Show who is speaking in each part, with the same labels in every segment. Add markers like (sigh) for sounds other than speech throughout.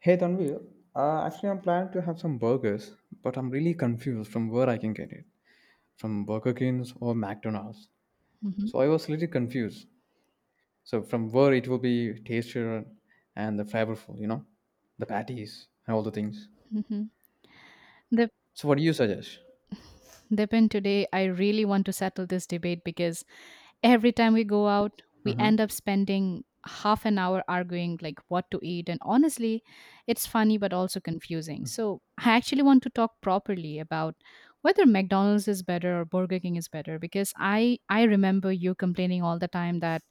Speaker 1: Hey Tanvi, actually I'm planning to have some burgers, but I'm really confused from where I can get it, from Burger King's or McDonald's.
Speaker 2: Mhm,
Speaker 1: So I was little confused. So from where it will be tastier and the flavorful, the patties and all the things.
Speaker 2: mhm. The
Speaker 1: So what do you suggest?
Speaker 2: the pen (laughs) Today, I really want to settle this debate because every time we go out we
Speaker 1: Mm-hmm.
Speaker 2: end up spending half an hour arguing like what to eat, and honestly it's funny but also confusing. So I actually want to talk properly about whether McDonald's is better or Burger King is better, because I remember you complaining all the time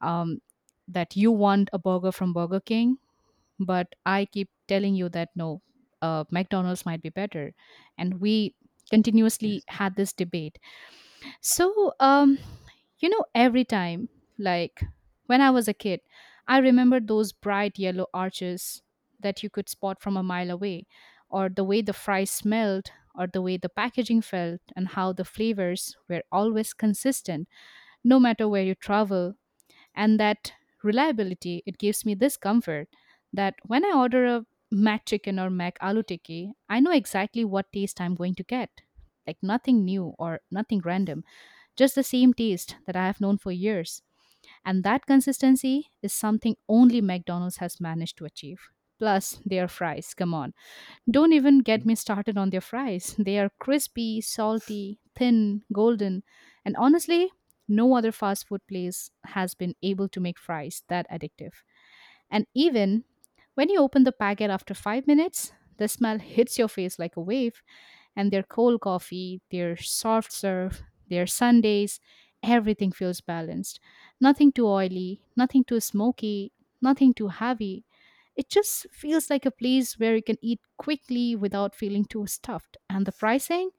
Speaker 2: um that you want a burger from Burger King, but I keep telling you that no, McDonald's might be better, and we continuously
Speaker 1: Yes.
Speaker 2: had this debate. So, every time, like when I was a kid, I remember those bright yellow arches that you could spot from a mile away, or the way the fries smelled, or the way the packaging felt, and how the flavors were always consistent, no matter where you travel. And that reliability, it gives me this comfort that when I order a Mac Chicken or Mac Aloo Tikki, I know exactly what taste I'm going to get. Like nothing new or nothing random, just the same taste that I have known for years. And that consistency is something only McDonald's has managed to achieve. Plus, their fries, come on. Don't even get me started on their fries. They are crispy, salty, thin, golden, and honestly, no other fast food place has been able to make fries that addictive. And even when you open the packet after 5 minutes, the smell hits your face like a wave. And their cold coffee, their soft serve, their sundaes, everything feels balanced. Nothing too oily, nothing too smoky, nothing too heavy. It just feels like a place where you can eat quickly without feeling too stuffed. And the pricing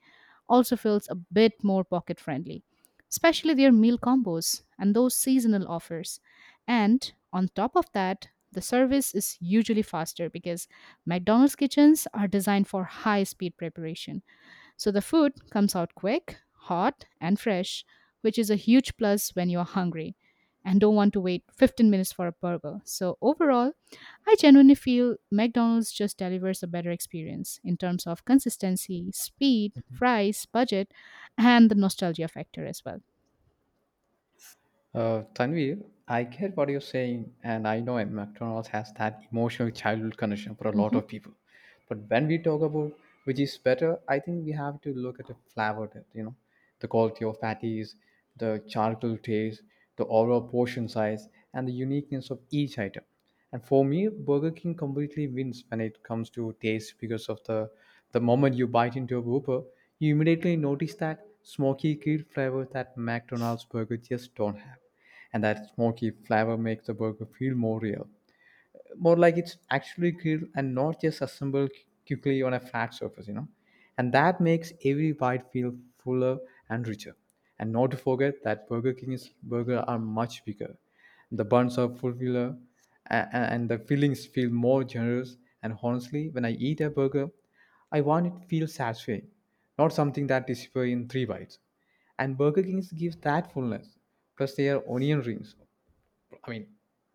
Speaker 2: also feels a bit more pocket friendly, especially their meal combos and those seasonal offers. And on top of that, the service is usually faster because McDonald's kitchens are designed for high speed preparation. So the food comes out quick, hot, and fresh, which is a huge plus when you're hungry and don't want to wait 15 minutes for a burger. So overall, I genuinely feel McDonald's just delivers a better experience in terms of consistency, speed, price, budget, and the nostalgia factor as well.
Speaker 1: Tanvir, I get what you're saying, and I know McDonald's has that emotional childhood connection for a lot
Speaker 2: Mhm.
Speaker 1: of people. But when we talk about which is better, I think we have to look at the flavor, that, the quality of patties, the charcoal taste, the overall portion size, and the uniqueness of each item. And for me, Burger King completely wins when it comes to taste because of the moment you bite into a Whopper, you immediately notice that smoky grill flavor that McDonald's burger just don't have, and that smoky flavor makes the burger feel more real, more like it's actually grilled and not just assembled quickly on a flat surface, you know. And that makes every bite feel fuller and richer. And not to forget that Burger King's burger are much bigger, the buns are fuller, and the fillings feel more generous. And honestly, when I eat a burger, I want it to feel satisfying, not something that disappears in three bites. And Burger Kings gives that fullness. Plus their onion rings, I mean,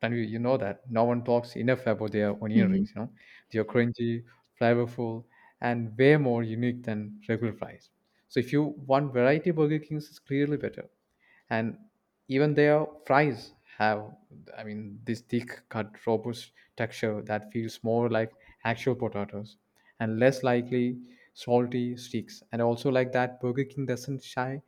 Speaker 1: Tanvi, you know that no one talks enough about their onion
Speaker 2: Mhm.
Speaker 1: rings. They are crunchy, flavorful, and way more unique than regular fries. So if you want variety, Burger King's is clearly better. And even their fries have, I mean, this thick cut, robust texture that feels more like actual potatoes and less likely salty sticks. And also like that, Burger King doesn't shy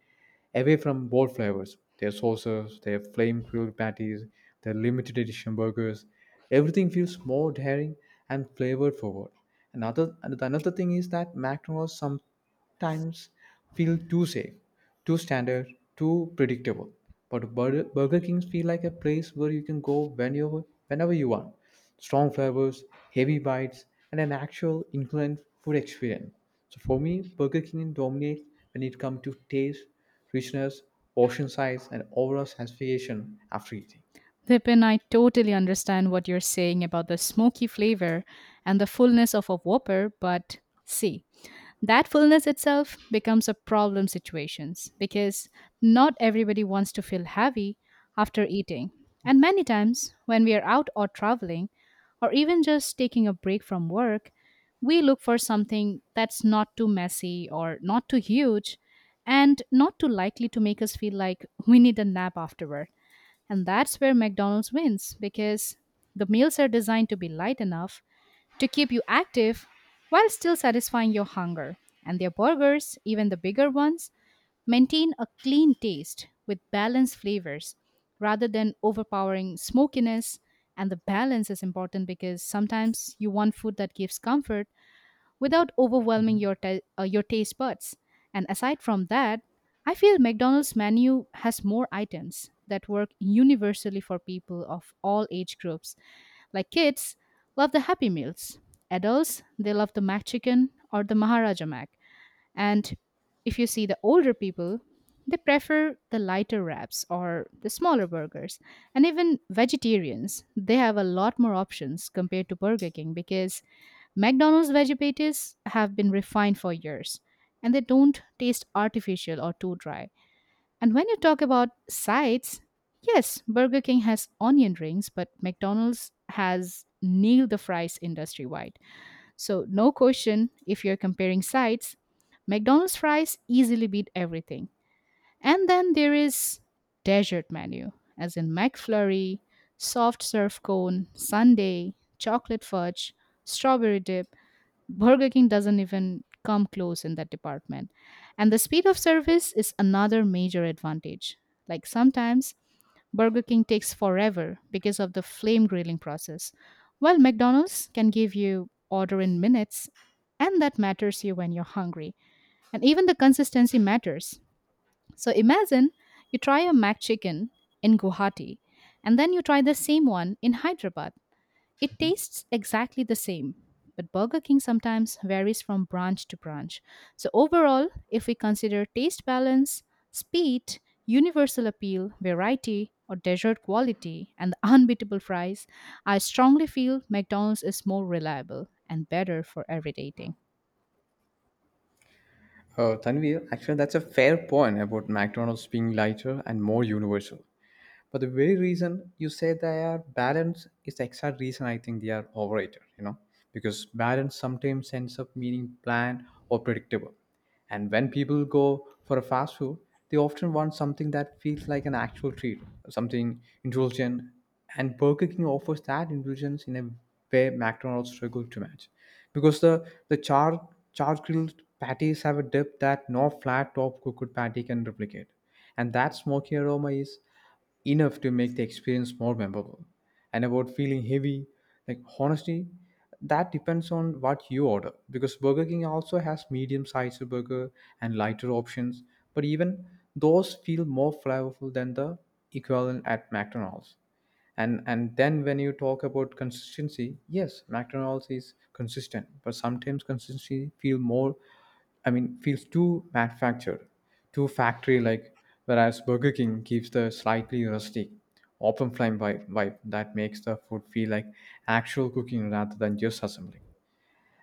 Speaker 1: away from bold flavors, their sauces, their flame grilled patties, their limited edition burgers. Everything feels more daring and flavored forward. Another thing is that McDonald's sometimes feel too safe, too standard, too predictable. But Burger Kings feel like a place where you can go whenever you want strong flavors, heavy bites, and an actual inclined food experience. So for me, Burger King dominates when it comes to taste, richness, portion size, and overall satisfaction after eating.
Speaker 2: Vipin, I totally understand what you're saying about the smoky flavor and the fullness of a Whopper, but see, that fullness itself becomes a problem situations because not everybody wants to feel heavy after eating, and many times when we are out or traveling or even just taking a break from work we look for something that's not too messy or not too huge and not too likely to make us feel like we need a nap afterward. And that's where McDonald's wins, because the meals are designed to be light enough to keep you active while still satisfying your hunger. And their burgers, even the bigger ones, maintain a clean taste with balanced flavors rather than overpowering smokiness. And the balance is important because sometimes you want food that gives comfort, without overwhelming
Speaker 1: Mhm.
Speaker 2: your taste buds. And aside from that, I feel McDonald's menu has more items that work universally for people of all age groups. Like kids love the Happy Meals. Adults, they love the McChicken or the Maharaja Mac. And if you see the older people, they prefer the lighter wraps or the smaller burgers. And even vegetarians, they have a lot more options compared to Burger King, because McDonald's veggies have been refined for years and they don't taste artificial or too dry. And when you talk about sides, yes, Burger King has onion rings, but McDonald's has nailed the fries industry wide. So, no question, if you're comparing sides, McDonald's fries easily beat everything. And then there is dessert menu, as in McFlurry, soft serve cone, sundae, chocolate fudge, strawberry dip, Burger King doesn't even come close in that department. And the speed of service is another major advantage. Like sometimes, Burger King takes forever because of the flame grilling process, while McDonald's can give you order in minutes, and that matters you when you're hungry. And even the consistency matters. So imagine you try a McChicken in Guwahati, and then you try the same one in Hyderabad, it tastes exactly the same, but Burger King sometimes varies from branch to branch. So, overall, if we consider taste balance, speed, universal appeal, variety, or dessert quality, and the (laughs) unbeatable fries, I strongly feel McDonald's is more reliable and better for every dating.
Speaker 1: Tanvir, actually, that's a fair point about McDonald's being lighter and more universal. But the very reason you say they are balanced is the exact reason I think they are overrated, you know, because balance sometimes ends up meaning bland or predictable. And when people go for a fast food, they often want something that feels like an actual treat, something indulgent. And Burger King offers that indulgence in a way McDonald's struggle to match, because the charred grilled patties have a depth that no flat top cooked patty can replicate, and that smoky aroma is enough to make the experience more memorable. And about feeling heavy, like honestly, that depends on what you order, because Burger King also has medium sized burger and lighter options, but even those feel more flavorful than the equivalent at McDonald's. And then when you talk about consistency, yes, McDonald's is consistent, but sometimes consistency feel more I mean feels too manufactured, too factory like, whereas Burger King gives the slightly rustic open flame vibe that makes the food feel like actual cooking rather than just assembling.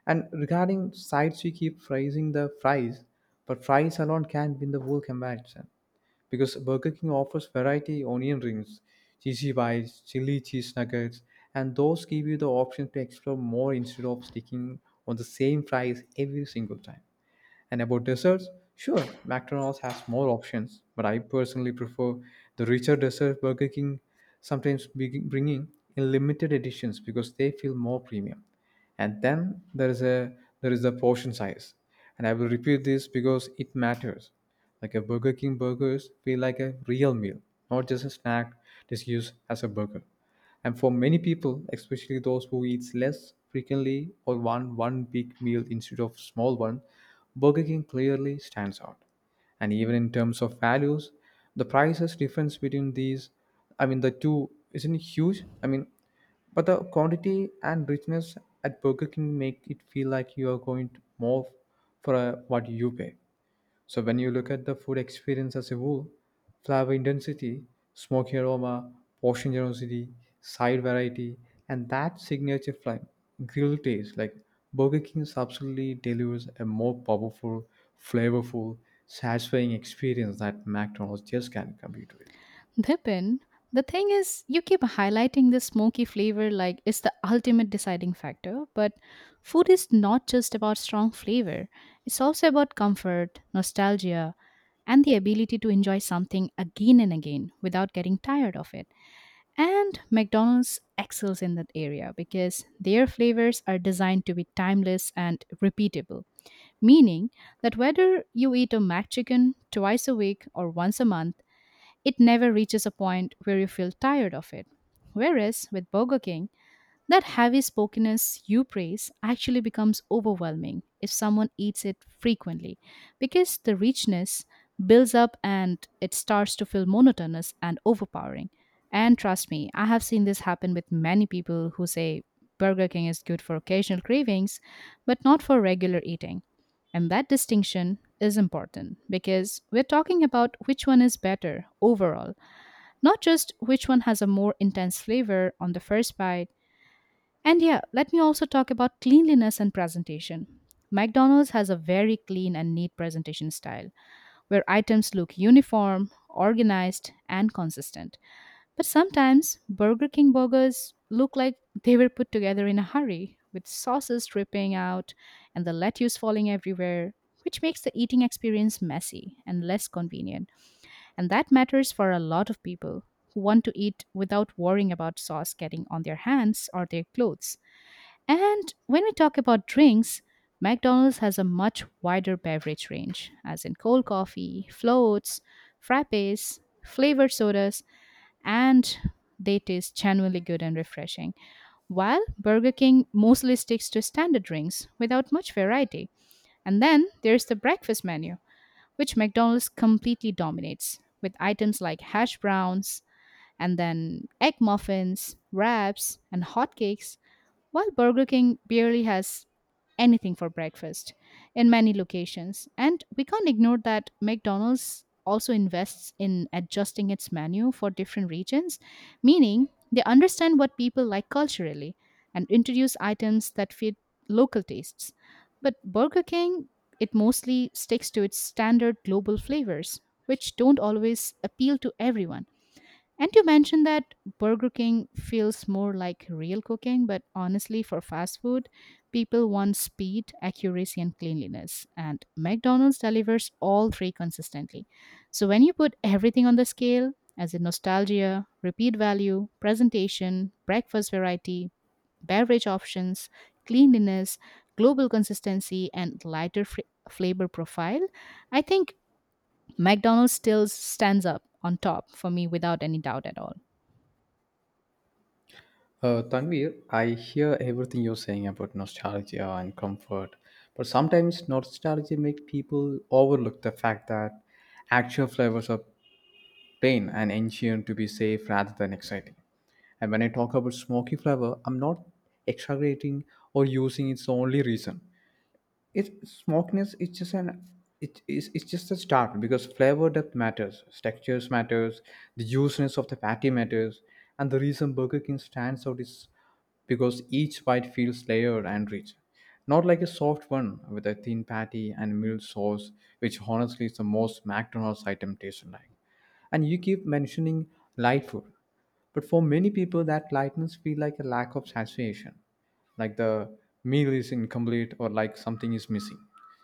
Speaker 1: And regarding sides, we keep phrasing the fries, but fries alone can't win the whole comparison because Burger King offers variety: onion rings, cheesy bites, chili cheese nuggets, and those give you the option to explore more instead of sticking on the same fries every single time. And about desserts, sure, McDonald's has more options, but I personally prefer the richer dessert Burger King sometimes bringing in limited editions because they feel more premium. And then there is the portion size, and I will repeat this because it matters. Like a Burger King burgers feel like a real meal, not just a snack just used as a burger. And for many people, especially those who eat less frequently or want one big meal instead of small one, Burger King clearly stands out. And even in terms of values, the prices difference between these, I mean, the two isn't huge. I mean, but the quantity and richness at Burger King make it feel like you are going to more for what you pay. So when you look at the food experience as a whole, flavor intensity, smoky aroma, portion generosity, side variety, and that signature flame, grill taste, like Burger King absolutely delivers a more powerful, flavorful, satisfying experience that McDonald's just can't compete with.
Speaker 2: Dipin, the thing is, you keep highlighting the smoky flavor like it's the ultimate deciding factor, but food is not just about strong flavor. It's also about comfort, nostalgia, and the ability to enjoy something again and again without getting tired of it. And McDonald's excels in that area because their flavors are designed to be timeless and repeatable, meaning that whether you eat a McChicken twice a week or once a month, it never reaches a point where you feel tired of it. Whereas with Burger King, that heavy spokenness you praise actually becomes overwhelming if someone eats it frequently, because the richness builds up and it starts to feel monotonous and overpowering. And trust me, I have seen this happen with many people who say Burger King is good for occasional cravings, but not for regular eating. And that distinction is important because we're talking about which one is better overall, not just which one has a more intense flavor on the first bite. And yeah, let me also talk about cleanliness and presentation. McDonald's has a very clean and neat presentation style where items look uniform, organized, and consistent. But sometimes Burger King burgers look like they were put together in a hurry with sauces dripping out and the lettuce falling everywhere, which makes the eating experience messy and less convenient. And that matters for a lot of people who want to eat without worrying about sauce getting on their hands or their clothes. And when we talk about drinks, McDonald's has a much wider beverage range, as in cold coffee, floats, frappes, flavored sodas, and they taste genuinely good and refreshing. While Burger King mostly sticks to standard drinks without much variety. And then there's the breakfast menu, which McDonald's completely dominates, with items like hash browns, and then egg muffins, wraps, and hotcakes, while Burger King barely has anything for breakfast in many locations. And we can't ignore that McDonald's also invests in adjusting its menu for different regions, meaning they understand what people like culturally and introduce items that fit local tastes. But Burger King, it mostly sticks to its standard global flavors, which don't always appeal to everyone. And you mentioned that Burger King feels more like real cooking, but honestly, for fast food, people want speed, accuracy, and cleanliness. And McDonald's delivers all three consistently. So when you put everything on the scale, as in nostalgia, repeat value, presentation, breakfast variety, beverage options, cleanliness, global consistency, and lighter flavor profile, I think McDonald's still stands up on top for me without any doubt at all.
Speaker 1: Tanvir, I hear everything you're saying about nostalgia and comfort, but sometimes nostalgia make people overlook the fact that actual flavors are plain and ancient to be safe rather than exciting. And when I talk about smoky flavor, I'm not exaggerating or using its only reason. It's smokiness is just an it is it's just a start because flavor depth matters, textures matters, the juiciness of the patty matters, and the reason Burger King stands out is because each bite feels layered and rich. Not like a soft one with a thin patty and mild sauce, which honestly is the most McDonald's item tasted like. And you keep mentioning light food, but for many people, that lightness feel like a lack of satiation, like the meal is incomplete or like something is missing.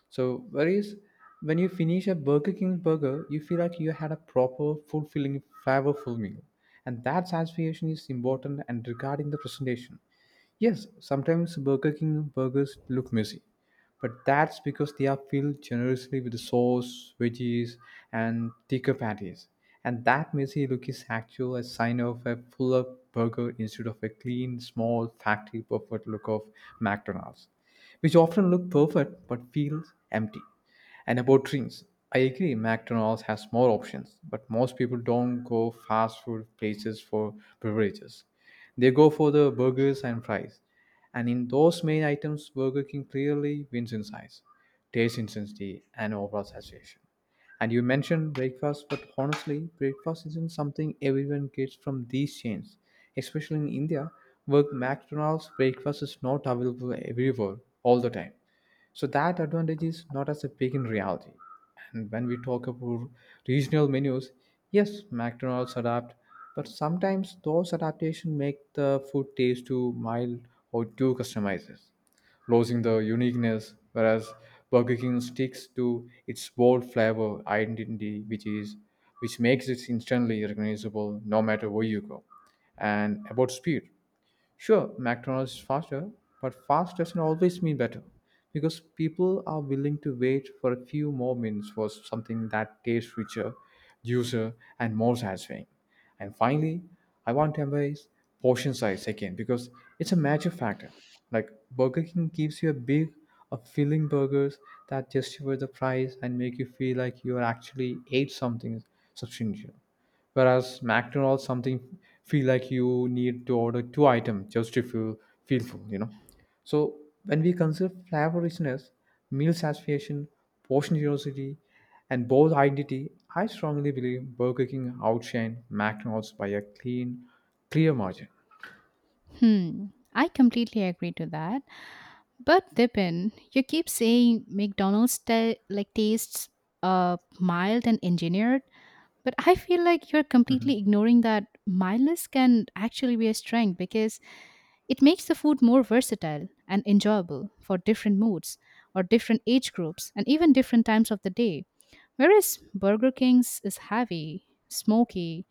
Speaker 1: So, whereas when you finish a Burger King burger, you feel like you had a proper, fulfilling, flavorful meal, and that satisfaction is important. And regarding the presentation, yes, sometimes Burger King burgers look messy, but that's because they are filled generously with sauce, veggies, and thicker patties. And that messy look is actually a sign of a fuller burger instead of a clean, small, factory perfect look of McDonald's, which often look perfect but feels empty. And about drinks, I agree McDonald's has more options, but most people don't go fast food places for beverages. They go for the burgers and fries. And in those main items, Burger King clearly wins in size, taste intensity, and overall saturation. And you mentioned breakfast, but honestly, breakfast isn't something everyone gets from these chains. Especially in India, where McDonald's breakfast is not available everywhere all the time. So that advantage is not as a big in reality. And when we talk about regional menus, yes, McDonald's adapt, but sometimes those adaptations make the food taste too mild or too customized, losing the uniqueness. Whereas Burger King sticks to its bold flavor identity, which makes it instantly recognizable no matter where you go. And about speed, sure, McDonald's is faster, but fast doesn't always mean better because people are willing to wait for a few more minutes for something that tastes richer, juicier, and more satisfying. And finally, I want to embrace portion size again because it's a major factor. Like Burger King gives you a big, filling burgers that justify the price and make you feel like you actually ate something substantial. Whereas McDonald's something feel like you need to order two items just to feel full, you know. So when we consider flavor richness, meal satisfaction, portion generosity, and bold identity, I strongly believe Burger King outshine McDonald's by a clean, clear margin.
Speaker 2: Hmm, I completely agree to that. But Dipin, you keep saying McDonald's like tastes mild and engineered, but I feel like you're completely ignoring that mildness can actually be a strength because it makes the food more versatile and enjoyable for different moods or different age groups and even different times of the day. Whereas Burger King's is heavy, smoky,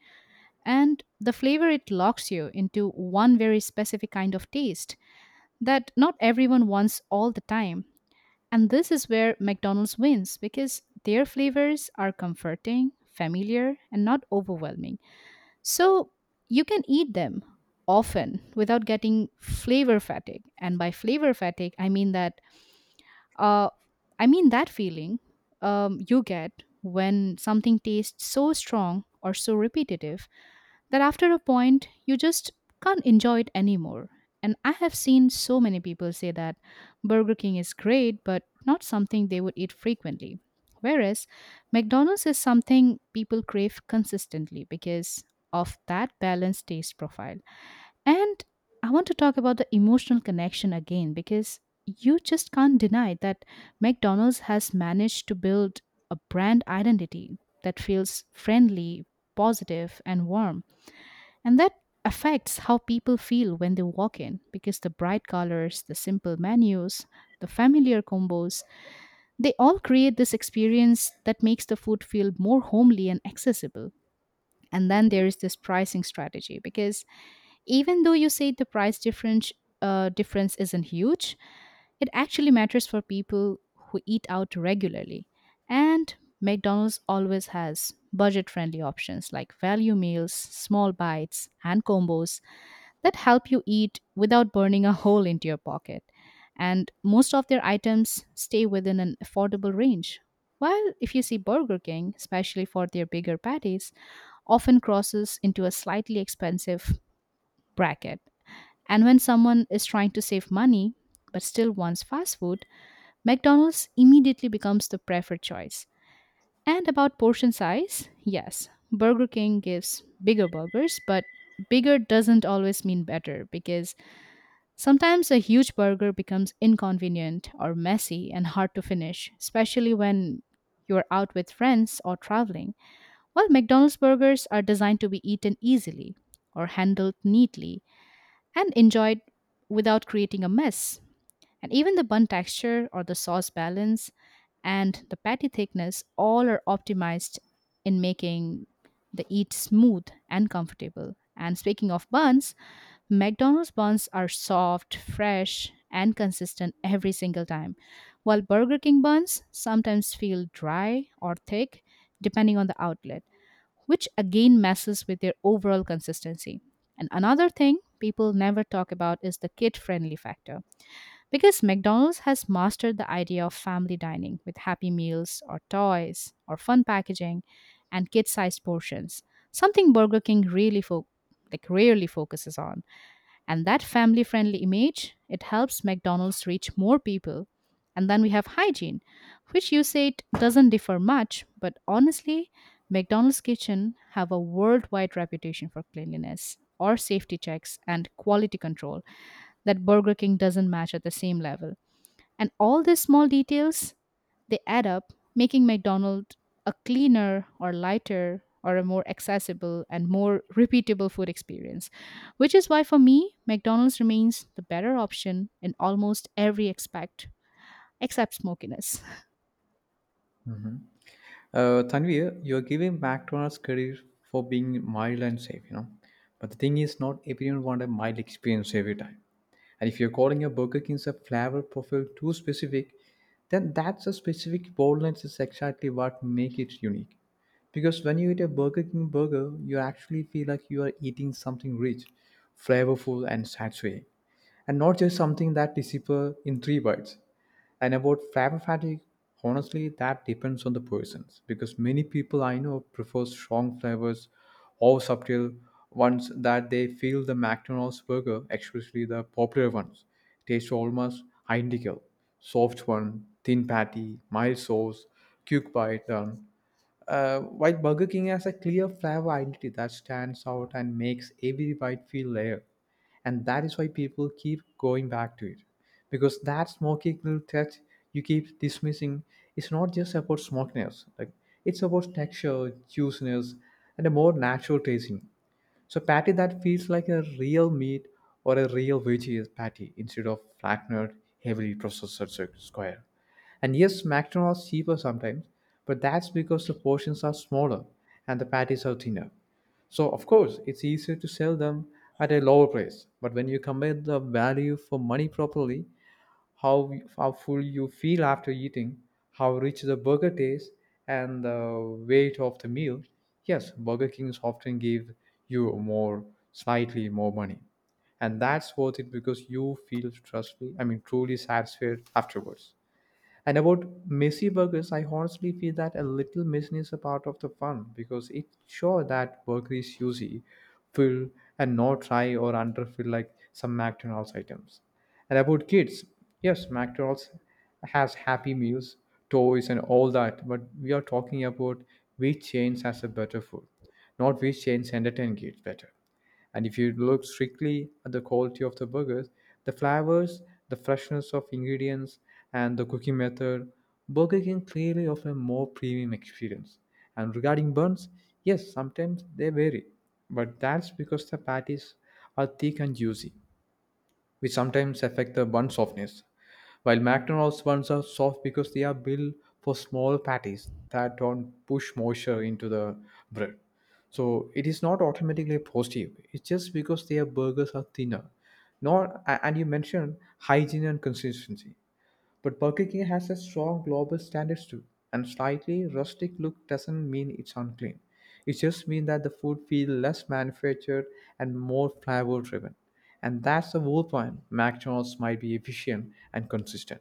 Speaker 2: and the flavor, it locks you into one very specific kind of taste that not everyone wants all the time. And this is where McDonald's wins because their flavors are comforting, familiar, and not overwhelming. So you can eat them often without getting flavor fatigue. And by flavor fatigue, uh, I mean that feeling you get when something tastes so strong or so repetitive that after a point you just can't enjoy it anymore. And I have seen so many people say that Burger King is great, but not something they would eat frequently. Whereas McDonald's is something people crave consistently because of that balanced taste profile. And I want to talk about the emotional connection again because you just can't deny that McDonald's has managed to build a brand identity that feels friendly, positive, and warm, and that affects how people feel when they walk in, because the bright colors, the simple menus, the familiar combos, they all create this experience that makes the food feel more homely and accessible. And then there is this pricing strategy because even though you say the price difference isn't huge, it actually matters for people who eat out regularly. And McDonald's always has budget friendly options like value meals, small bites, and combos that help you eat without burning a hole into your pocket. And most of their items stay within an affordable range. While if you see Burger King, especially for their bigger patties, often crosses into a slightly expensive bracket. And when someone is trying to save money but still wants fast food, McDonald's immediately becomes the preferred choice. And about portion size, yes, Burger King gives bigger burgers, but bigger doesn't always mean better because sometimes a huge burger becomes inconvenient or messy and hard to finish, especially when you're out with friends or traveling. While McDonald's burgers are designed to be eaten easily or handled neatly and enjoyed without creating a mess. And even the bun texture or the sauce balance and the patty thickness all are optimized in making the eat smooth and comfortable. And speaking of buns, McDonald's buns are soft, fresh, and consistent every single time, while Burger King buns sometimes feel dry or thick depending on the outlet which again messes with their overall consistency. And another thing people never talk about is the kid friendly factor. Because McDonald's has mastered the idea of family dining with happy meals or toys or fun packaging and kid sized portions, something Burger King really like rarely focuses on, and that family friendly image it helps McDonald's reach more people. And then we have hygiene, which you said doesn't differ much, but honestly McDonald's kitchen have a worldwide reputation for cleanliness or safety checks and quality control that Burger King doesn't match at the same level. And all these small details, they add up, making McDonald's a cleaner or lighter or a more accessible and more repeatable food experience, which is why for me, McDonald's remains the better option in almost every aspect except smokiness. (laughs)
Speaker 1: Tanvir, you're giving back to McDonald's credit for being mild and safe, you know. But the thing is, not everyone wants a mild experience every time. And if you're calling your Burger King's a flavor profile too specific, then that's a specific boldness is exactly what make it unique. Because when you eat a Burger King burger, you actually feel like you are eating something rich, flavorful, and saturating, and not just something that disappears in three bites. And about fiber fatigue, honestly, that depends on the persons because many people I know prefer strong flavors or subtle ones that they feel the McDonald's burger, especially the popular ones, taste almost identical. Soft one, thin patty, mild sauce, quick bite done. While Burger King has a clear flavor identity that stands out and makes every bite feel layered, and that is why people keep going back to it. Because that smoky little touch you keep dismissing is not just about smokiness; like it's about texture, juiciness, and a more natural tasting. So patty that feels like a real meat or a real veggie patty instead of flattened, heavily processed cir- square. And yes, McDonald's cheaper sometimes, but that's because the portions are smaller and the patties are thinner. So of course, it's easier to sell them at a lower price. But when you combine the value for money properly, how full you feel after eating, how rich the burger tastes, and the weight of the meal. Yes, Burger Kings often give you more, slightly more money, and that's worth it because you feel truly satisfied afterwards. And about messy burgers, I honestly feel that a little messiness is a part of the fun because it sure that burger is juicy, full, and not dry or underfilled like some McDonald's items. And about kids, yes, McDonald's has happy meals, toys, and all that, but we are talking about which chains has a better food, not which chains entertain kids better. And if you look strictly at the quality of the burgers, the flavors, the freshness of ingredients, and the cooking method, Burger King clearly offer a more premium experience. And regarding buns, yes, sometimes they vary, but that's because the patties are thick and juicy, which sometimes affect the bun softness. While McDonald's ones are soft because they are built for small patties that don't push moisture into the bread. So it is not automatically positive. It's just because their burgers are thinner. Not a- And you mentioned hygiene and consistency. But Burger King has a strong global standards too. And slightly rustic look doesn't mean it's unclean. It just means that the food feels less manufactured and more flavor driven. And that's the whole point. McDonald's might be efficient and consistent,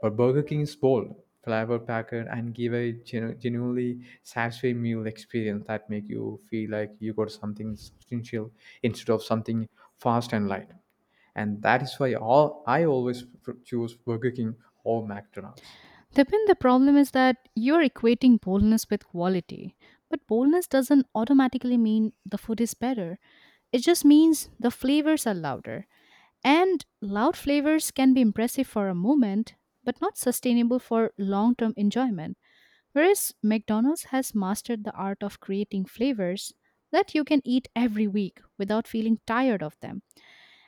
Speaker 1: but Burger King is bold, flavor-packed, and give a genuinely satisfying meal experience that make you feel like you got something substantial instead of something fast and light. And that is why all I always pr- choose Burger King or McDonald's.
Speaker 2: Dipin, the problem is that you're equating boldness with quality. But boldness doesn't automatically mean the food is better. It just means the flavors are louder. And loud flavors can be impressive for a moment, but not sustainable for long term enjoyment. Whereas McDonald's has mastered the art of creating flavors that you can eat every week without feeling tired of them.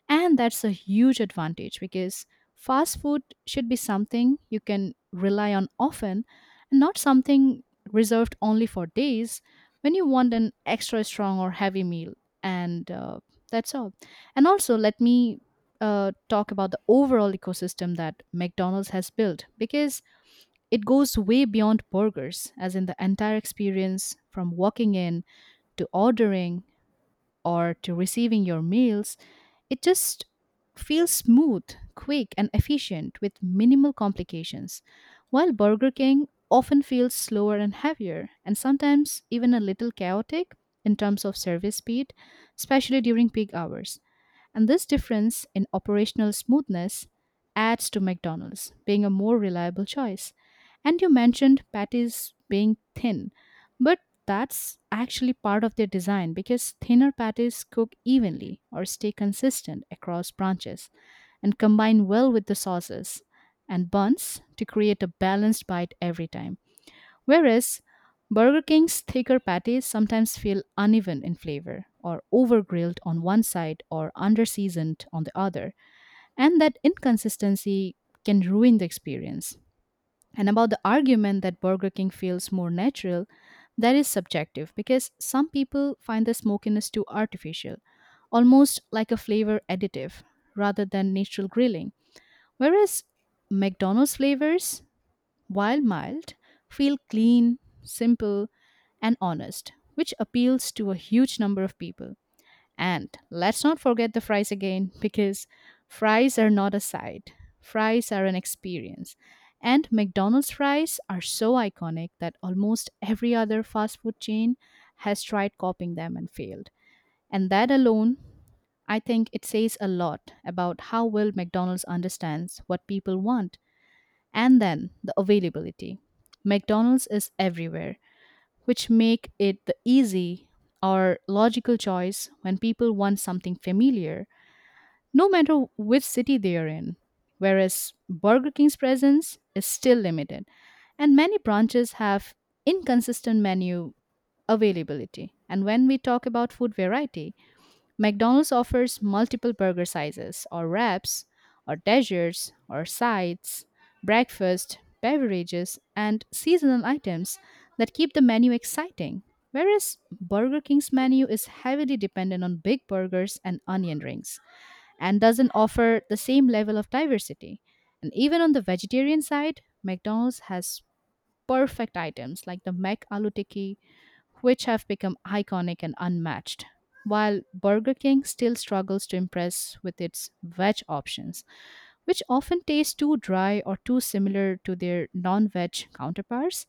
Speaker 2: And that's a huge advantage because fast food should be something you can rely on often and not something reserved only for days when you want an extra strong or heavy meal. And that's all. And also, let me talk about the overall ecosystem that McDonald's has built because it goes way beyond burgers, as in the entire experience from walking in to ordering or to receiving your meals, it just feels smooth, quick, and efficient with minimal complications. While Burger King often feels slower and heavier, and sometimes even a little chaotic in terms of service speed, especially during peak hours. And this difference in operational smoothness adds to McDonald's being a more reliable choice. And you mentioned patties being thin. But that's actually part of their design because thinner patties cook evenly or stay consistent across branches and combine well with the sauces and buns to create a balanced bite every time. Whereas Burger King's thicker patties sometimes feel uneven in flavor or over grilled on one side or under seasoned on the other, and that inconsistency can ruin the experience. And about the argument that Burger King feels more natural, that is subjective because some people find the smokiness too artificial, almost like a flavor additive rather than natural grilling. Whereas McDonald's flavors, while mild, feel clean, simple, and honest, which appeals to a huge number of people. And let's not forget the fries again because fries are not a side, fries are an experience. And McDonald's fries are so iconic that almost every other fast food chain has tried copying them and failed. And that alone, I think it says a lot about how well McDonald's understands what people want. And then the availability. McDonald's is everywhere, which make it the easy or logical choice when people want something familiar, no matter which city they are in. Whereas Burger King's presence is still limited, and many branches have inconsistent menu availability. And when we talk about food variety, McDonald's offers multiple burger sizes, or wraps, or desserts, or sides, breakfast, beverages, and seasonal items that keep the menu exciting. Whereas Burger King's menu is heavily dependent on big burgers and onion rings and doesn't offer the same level of diversity. And even on the vegetarian side, McDonald's has perfect items like the Mac Aloo Tikki, which have become iconic and unmatched. While Burger King still struggles to impress with its veg options, which often taste too dry or too similar to their non veg counterparts.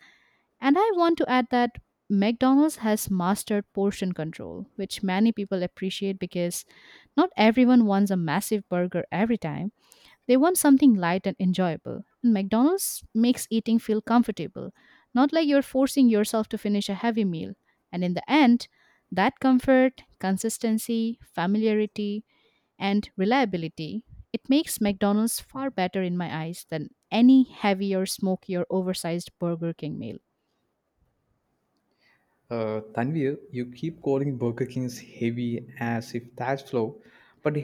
Speaker 2: And I want to add that McDonald's has mastered portion control, which many people appreciate because not everyone wants a massive burger every time. They want something light and enjoyable, and McDonald's makes eating feel comfortable, not like you're forcing yourself to finish a heavy meal. And in the end, that comfort, consistency, familiarity, and reliability, it makes McDonald's far better in my eyes than any heavy or smoky or oversized Burger King meal.
Speaker 1: Tanvir, you keep calling Burger King's heavy as if that's flow, but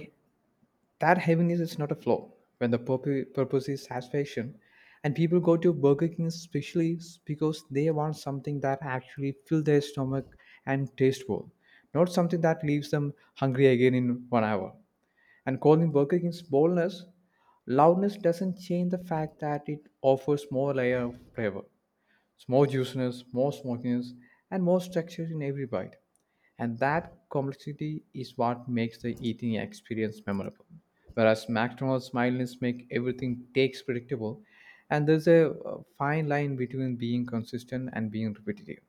Speaker 1: that heaviness is not a flaw when the purpose is satisfaction, and people go to Burger King especially because they want something that actually fills their stomach and tastes well, not something that leaves them hungry again in 1 hour. And calling Burger King's boldness, loudness doesn't change the fact that it offers more layer of flavor, it's more juiciness, more smokiness, and more structure in every bite. And that complexity is what makes the eating experience memorable. Whereas McDonald's smiles make everything takes predictable, and there's a fine line between being consistent and being repetitive.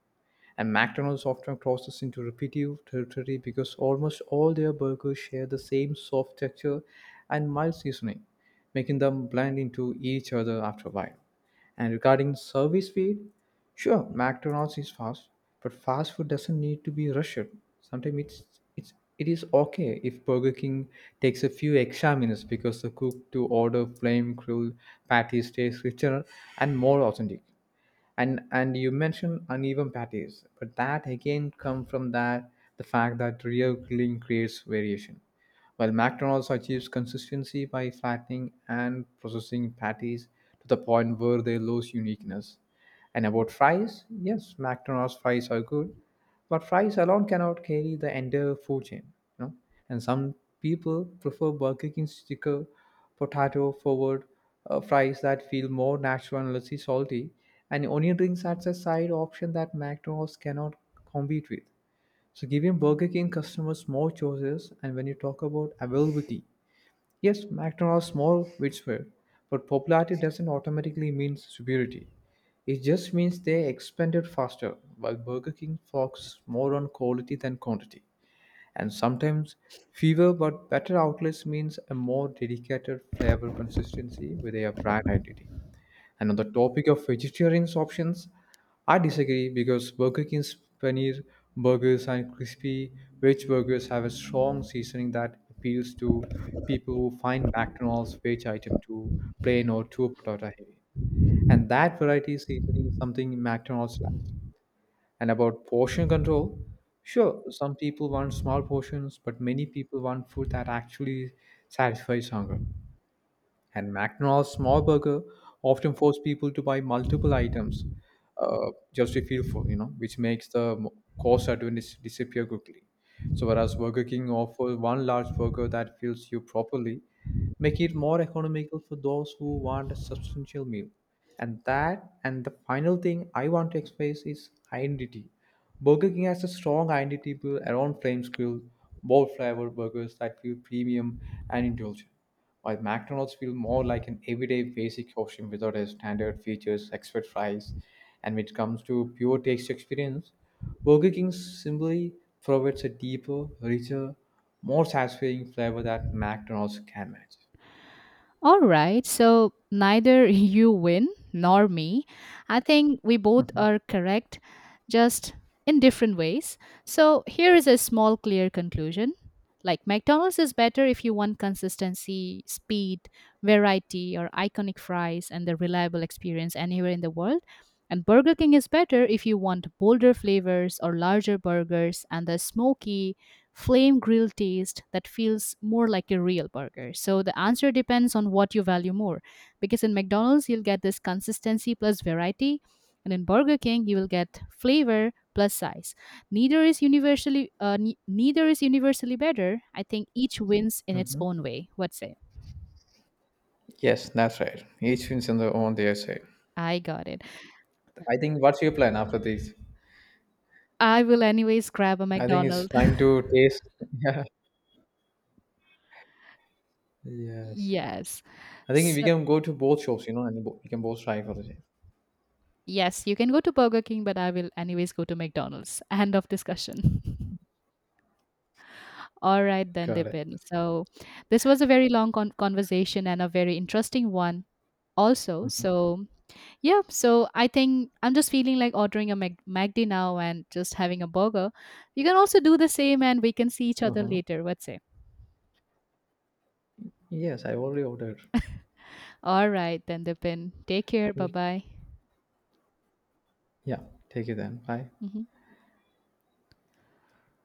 Speaker 1: And McDonald's often crosses into repetitive territory because almost all their burgers share the same soft texture and mild seasoning, making them blend into each other after a while. And regarding service speed, sure, McDonald's is fast, but fast food doesn't need to be rushed. Sometimes it's it is okay if Burger King takes a few extra minutes because the cook to order flame grilled patties tastes richer and more authentic. And you mentioned uneven patties, but that again come from that the fact that real grilling creates variation, while McDonald's achieves consistency by flattening and processing patties to the point where they lose uniqueness. And about fries, yes, McDonald's fries are good, but fries alone cannot carry the entire food chain, you know. And some people prefer Burger King's sticker potato forward fries that feel more natural and less salty, and onion rings as a side option that McDonald's cannot compete with, so giving Burger King customers more choices. And when you talk about availability, yes, McDonald's more widespread, but popularity doesn't automatically mean superiority. It just means they expanded faster, while Burger King focuses more on quality than quantity. And sometimes fewer but better outlets means a more dedicated flavor consistency with their brand identity. And on the topic of vegetarian options, I disagree because Burger King's paneer burgers and crispy veg burgers have a strong seasoning that appeals to people who find McDonald's veg item too plain or too potato heavy. And that variety seasoning is something McDonald's lacks. And about portion control, sure, some people want small portions, but many people want food that actually satisfies hunger. And McDonald's small burger often force people to buy multiple items just to feel full, you know, which makes the cost advantage disappear quickly. So whereas Burger King offers one large burger that fills you properly, making it more economical for those who want a substantial meal. And that and the final thing I want to express is identity. Burger King has a strong identity built around flame grill, bold flavor burgers that feel premium and indulgent, while McDonald's feel more like an everyday basic option without a standard features, expert fries, and when it comes to pure taste experience, Burger King simply provides a deeper, richer, more satisfying flavor that McDonald's can match.
Speaker 2: All right. So neither (laughs) you win nor me. I think we both
Speaker 1: Mhm.
Speaker 2: are correct, just in different ways. So here is a small, clear conclusion. Like McDonald's is better if you want consistency, speed, variety, or iconic fries and the reliable experience anywhere in the world. And Burger King is better if you want bolder flavors or larger burgers and the smoky, flame grilled taste that feels more like a real burger. So the answer depends on what you value more because in McDonald's you'll get this consistency plus variety and in Burger King you will get flavor plus size. Neither is universally neither is universally better. I think each wins in its own way. What say?
Speaker 1: Yes, that's right. Each wins on their own, they say.
Speaker 2: I got it.
Speaker 1: I think what's your plan after this?
Speaker 2: I will anyways grab a
Speaker 1: I think it's
Speaker 2: McDonald's. (laughs)
Speaker 1: time to taste. Yes.
Speaker 2: Yes.
Speaker 1: I think we
Speaker 2: So
Speaker 1: can go to both shops, you know, and we can both try for the same.
Speaker 2: yes, you can go to Burger King but I will anyways go to McDonald's. End of discussion. (laughs) All right then,
Speaker 1: Got it.
Speaker 2: Dipin. So this was a very long conversation and a very interesting one also. So yeah, so I think I'm just feeling like ordering a McD now and just having a burger. You can also do the same and we can see each other
Speaker 1: Uh-huh.
Speaker 2: later. What's it?
Speaker 1: Yes, I already ordered.
Speaker 2: All right then, Dipin. Take care.
Speaker 1: We-
Speaker 2: Bye-bye.
Speaker 1: Yeah, take it then. Bye.
Speaker 2: Mhm.